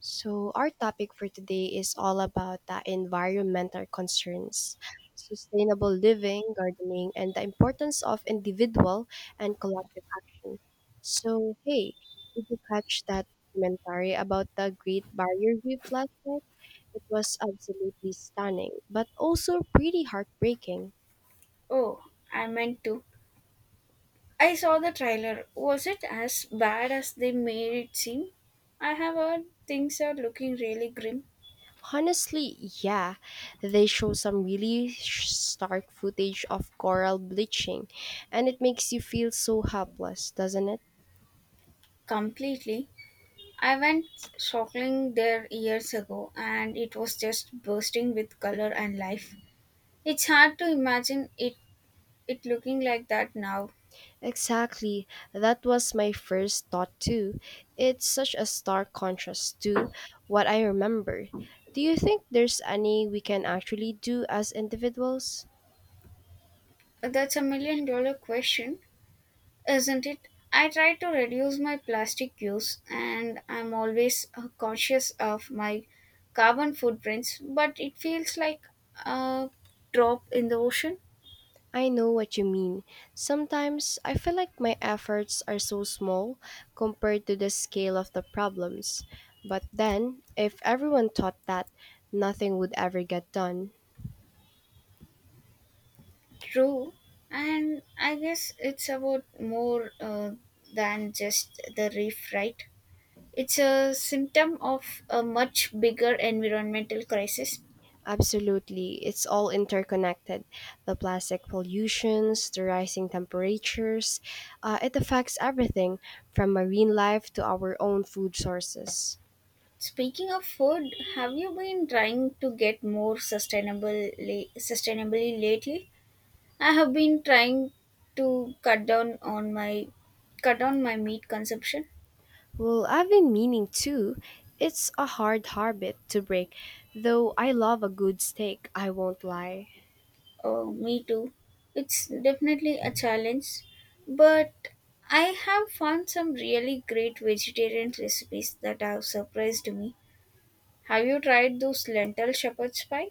So, our topic for today is all about the environmental concerns, sustainable living, gardening, and the importance of individual and collective action. So, hey, did you catch that documentary about the Great Barrier Reef last night? It was absolutely stunning, but also pretty heartbreaking. Oh, I meant to. I saw the trailer. Was it as bad as they made it seem? I have heard things are looking really grim. Honestly, yeah, they show some really stark footage of coral bleaching, and it makes you feel so helpless, doesn't it? Completely. I went snorkeling there years ago and it was just bursting with color and life. It's hard to imagine it looking like that now. Exactly. That was my first thought too. It's such a stark contrast to what I remember. Do you think there's any we can actually do as individuals? That's a million dollar question, isn't it? I try to reduce my plastic use and I'm always conscious of my carbon footprints, but it feels like a drop in the ocean. I know what you mean. Sometimes I feel like my efforts are so small compared to the scale of the problems. But then, if everyone thought that, nothing would ever get done. True, and I guess it's about more than just the reef, right? It's a symptom of a much bigger environmental crisis. Absolutely. It's all interconnected. The plastic pollutions, the rising temperatures, it affects everything from marine life to our own food sources. Speaking of food, have you been trying to get more sustainably lately? I have been trying to cut down my meat consumption. Well, I've been meaning to. It's a hard habit to break, though I love a good steak, I won't lie. Oh, me too. It's definitely a challenge, but I have found some really great vegetarian recipes that have surprised me. Have you tried those lentil shepherd's pie?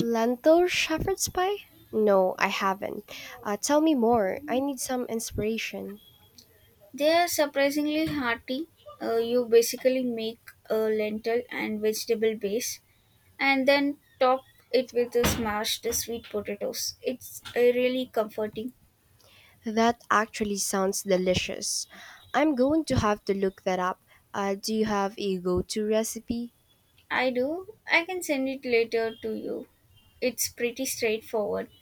Lentil shepherd's pie? No, I haven't. Tell me more. I need some inspiration. They are surprisingly hearty. You basically make a lentil and vegetable base and then top it with a smashed sweet potatoes. It's really comforting. That actually sounds delicious. I'm going to have to look that up. Do you have a go to recipe? I do. I can send it later to you. It's pretty straightforward.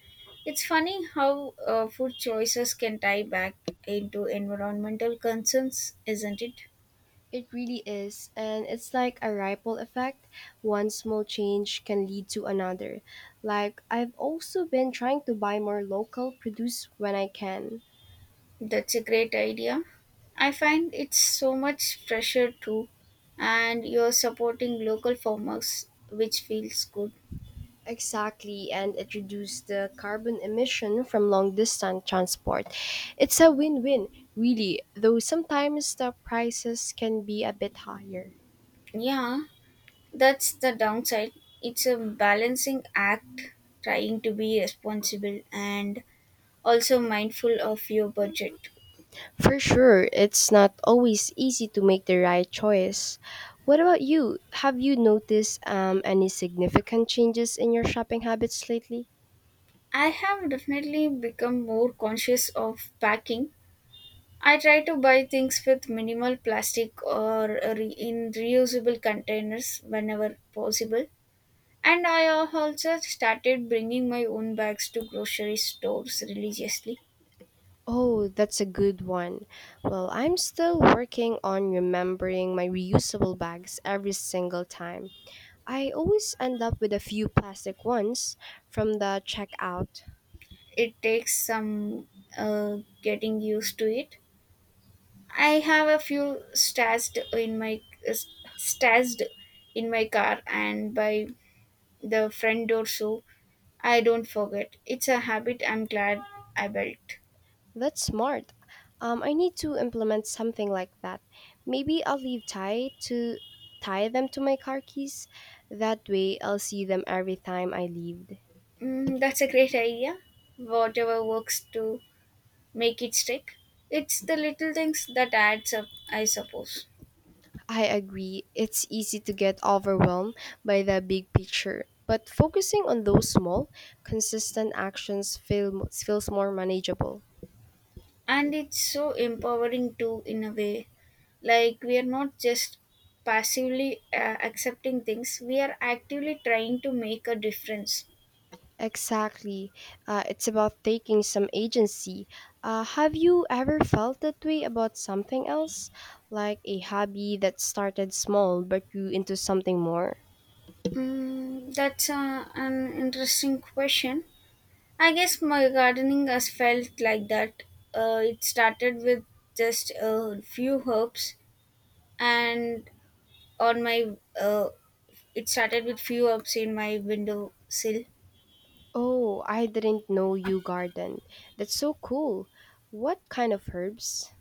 It's funny how food choices can tie back into environmental concerns, isn't it? It really is, and it's like a ripple effect. One small change can lead to another. Like, I've also been trying to buy more local produce when I can. That's a great idea. I find it's so much fresher too, and you're supporting local farmers, which feels good. Exactly, and it reduces the carbon emission from long distance transport. It's a win win, really, though sometimes the prices can be a bit higher. Yeah, that's the downside. It's a balancing act, trying to be responsible and also mindful of your budget. For sure, it's not always easy to make the right choice. What about you? Have you noticed any significant changes in your shopping habits lately? I have definitely become more conscious of packing. I try to buy things with minimal plastic or in reusable containers whenever possible. And I have also started bringing my own bags to grocery stores religiously. Oh, that's a good one. Well, I'm still working on remembering my reusable bags every single time. I always end up with a few plastic ones from the checkout. It takes some getting used to it. I have a few stashed in my car and by the front door so I don't forget. It's a habit I'm glad I built. That's smart. I need to implement something like that. Maybe I'll leave tie to tie them to my car keys. That way, I'll see them every time I leave. Mm, that's a great idea. Whatever works to make it stick. It's the little things that adds up, I suppose. I agree. It's easy to get overwhelmed by the big picture, but focusing on those small, consistent feels more manageable. And it's so empowering too, in a way. Like, we are not just passively accepting things, we are actively trying to make a difference. Exactly. It's about taking some agency. Have you ever felt that way about something else? Like a hobby that started small but grew into something more? Mm, that's an interesting question. I guess my gardening has felt like that. It started with just a few herbs, and on my It started with few herbs in my window sill, Oh, I didn't know you garden. That's so cool. What kind of herbs?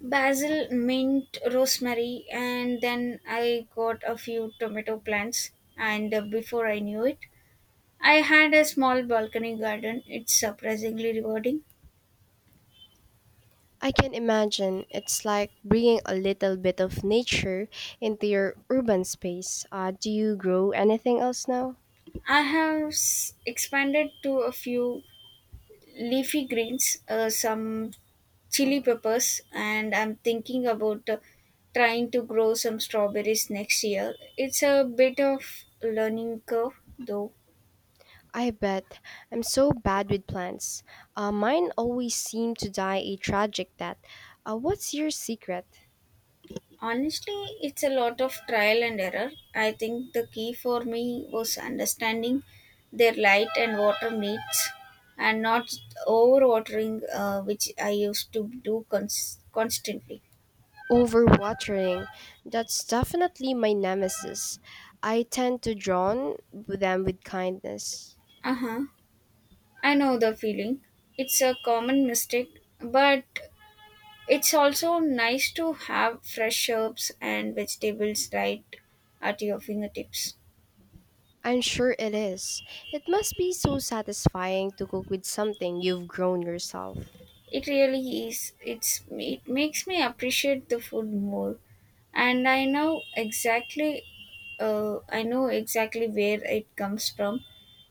basil, mint, rosemary, and then I got a few tomato plants. And before I knew it, I had a small balcony garden. It's surprisingly rewarding. I can imagine it's like bringing a little bit of nature into your urban space. Do you grow anything else now? I have expanded to a few leafy greens, some chili peppers and I'm thinking about trying to grow some strawberries next year. It's a bit of learning curve though. I bet. I'm so bad with plants. Mine always seem to die a tragic death. What's your secret? Honestly, it's a lot of trial and error. I think the key for me was understanding their light and water needs and not overwatering, which I used to do constantly. Overwatering. That's definitely my nemesis. I tend to drown them with kindness. Uh-huh, I know the feeling. It's a common mistake, but it's also nice to have fresh herbs and vegetables right at your fingertips. I'm sure it is. It must be so satisfying to cook with something you've grown yourself. It really is. It makes me appreciate the food more, and I know exactly where it comes from.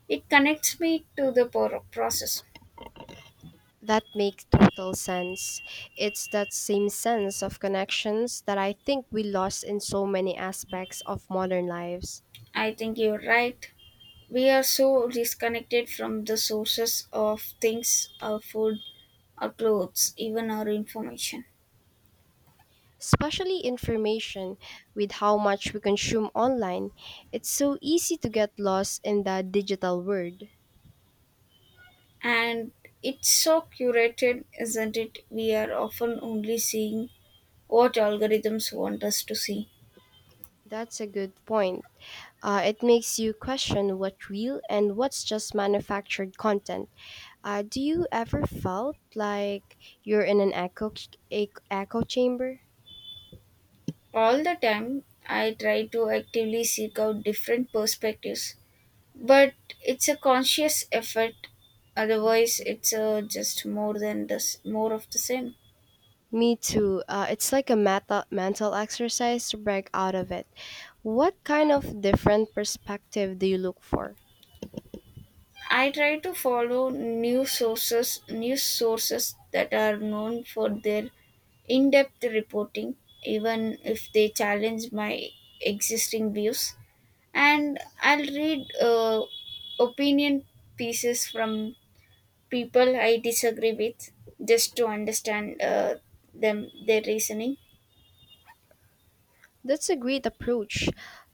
It connects me to the process. That makes total sense. It's that same sense of connections that I think we lost in so many aspects of modern lives. I think you're right. We are so disconnected from the sources of things, our food, our clothes, even our information. Especially information, with how much we consume online, it's so easy to get lost in the digital world. And it's so curated, isn't it? We are often only seeing what algorithms want us to see. That's a good point. It makes you question what's real and what's just manufactured content. Do you ever felt like you're in an echo chamber? All the time, I try to actively seek out different perspectives, but it's a conscious effort. Otherwise, it's just more than this, more of the same. Me too. It's like a mental exercise to break out of it. What kind of different perspective do you look for? I try to follow news sources that are known for their in-depth reporting, even if they challenge my existing views. And I'll read opinion pieces from people I disagree with, just to understand them their reasoning. That's a great approach.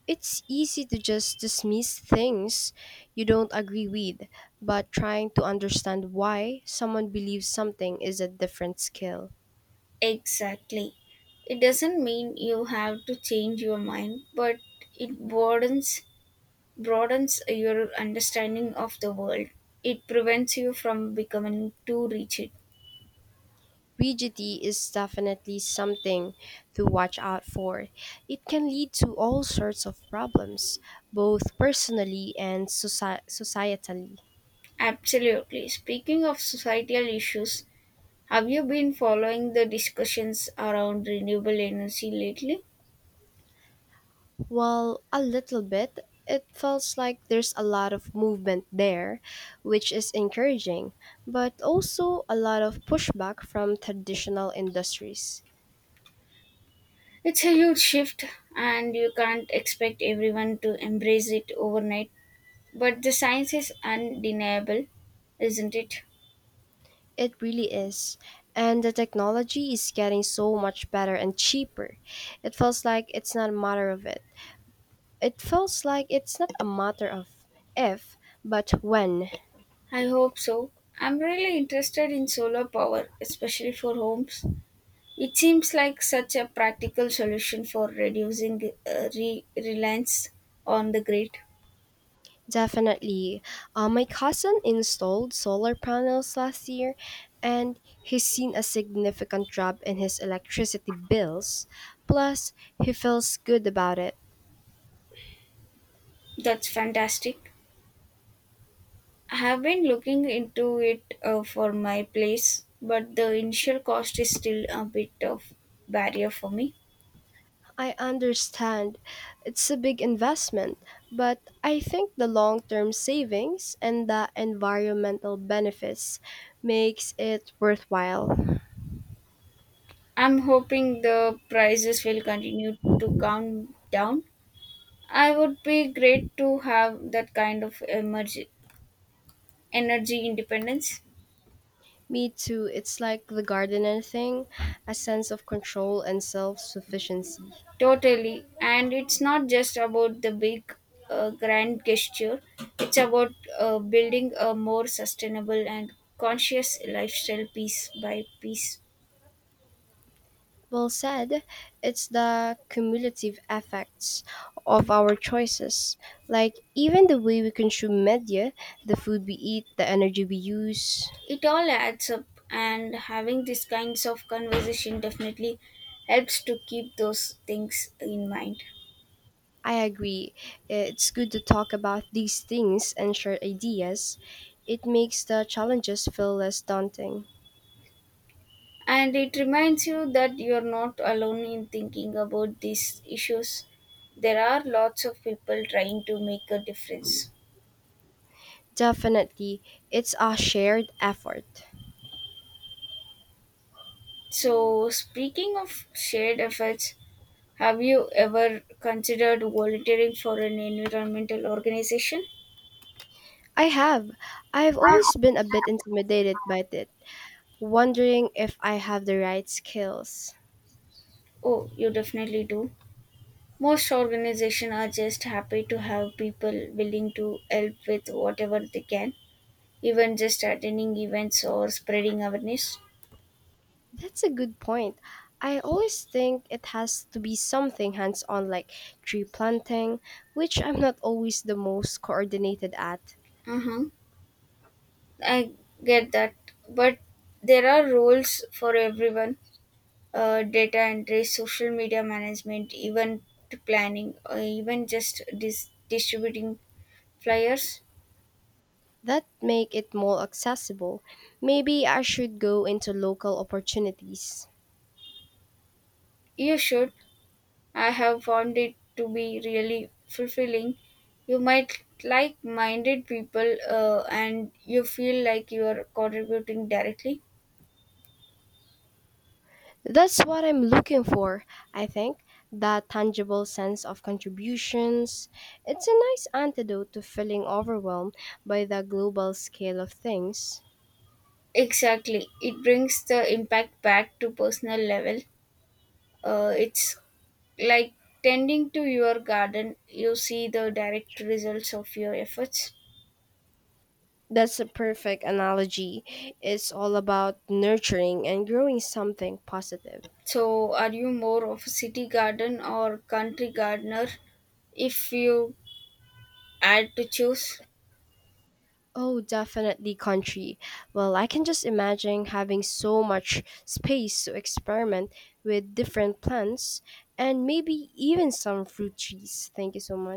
It's easy to just dismiss things you don't agree with, but trying to understand why someone believes something is a different skill. Exactly, it doesn't mean you have to change your mind, but it broadens your understanding of the world. It prevents you from becoming too rigid. Rigidity is definitely something to watch out for. It can lead to all sorts of problems, both personally and societally. Absolutely. Speaking of societal issues, have you been following the discussions around renewable energy lately? Well, a little bit. It feels like there's a lot of movement there, which is encouraging, but also a lot of pushback from traditional industries. It's a huge shift, and you can't expect everyone to embrace it overnight. But the science is undeniable, isn't it? It really is. And the technology is getting so much better and cheaper. It feels like it's not a matter of it. It feels like it's not a matter of if, but when. I hope so. I'm really interested in solar power, especially for homes. It seems like such a practical solution for reducing reliance on the grid. Definitely. My cousin installed solar panels last year and he's seen a significant drop in his electricity bills. Plus, he feels good about it. That's fantastic. I have been looking into it for my place, but the initial cost is still a bit of barrier for me. I understand it's a big investment, but I think the long-term savings and the environmental benefits makes it worthwhile. I'm hoping the prices will continue to come down. I would be great to have that kind of energy independence. Me too. It's like the gardener thing, a sense of control and self-sufficiency. Totally. And it's not just about the big, grand gesture, it's about building a more sustainable and conscious lifestyle piece by piece. Well said. It's the cumulative effects of our choices. Like, even the way we consume media, the food we eat, the energy we use. It all adds up, and having these kinds of conversation definitely helps to keep those things in mind. I agree. It's good to talk about these things and share ideas. It makes the challenges feel less daunting. And it reminds you that you're not alone in thinking about these issues. There are lots of people trying to make a difference. Definitely, it's a shared effort. So, speaking of shared efforts, have you ever considered volunteering for an environmental organization? I have. I've always been a bit intimidated by it, wondering if I have the right skills. Oh, you definitely do. Most organizations are just happy to have people willing to help with whatever they can, even just attending events or spreading awareness. That's a good point. I always think it has to be something hands on like tree planting, which I'm not always the most coordinated at. Mm-hmm. I get that, but there are rules for everyone, data entry, social media management, event planning, or even just distributing flyers. That make it more accessible. Maybe I should go into local opportunities. You should. I have found it to be really fulfilling. You might like minded people, and you feel like you are contributing directly. That's what I'm looking for, I think. That tangible sense of contributions. It's a nice antidote to feeling overwhelmed by the global scale of things. Exactly. It brings the impact back to personal level. It's like tending to your garden, you see the direct results of your efforts. That's a perfect analogy. It's all about nurturing and growing something positive. So, are you more of a city garden or country gardener if you had to choose? Oh, definitely country. Well, I can just imagine having so much space to experiment with different plants and maybe even some fruit trees. Thank you so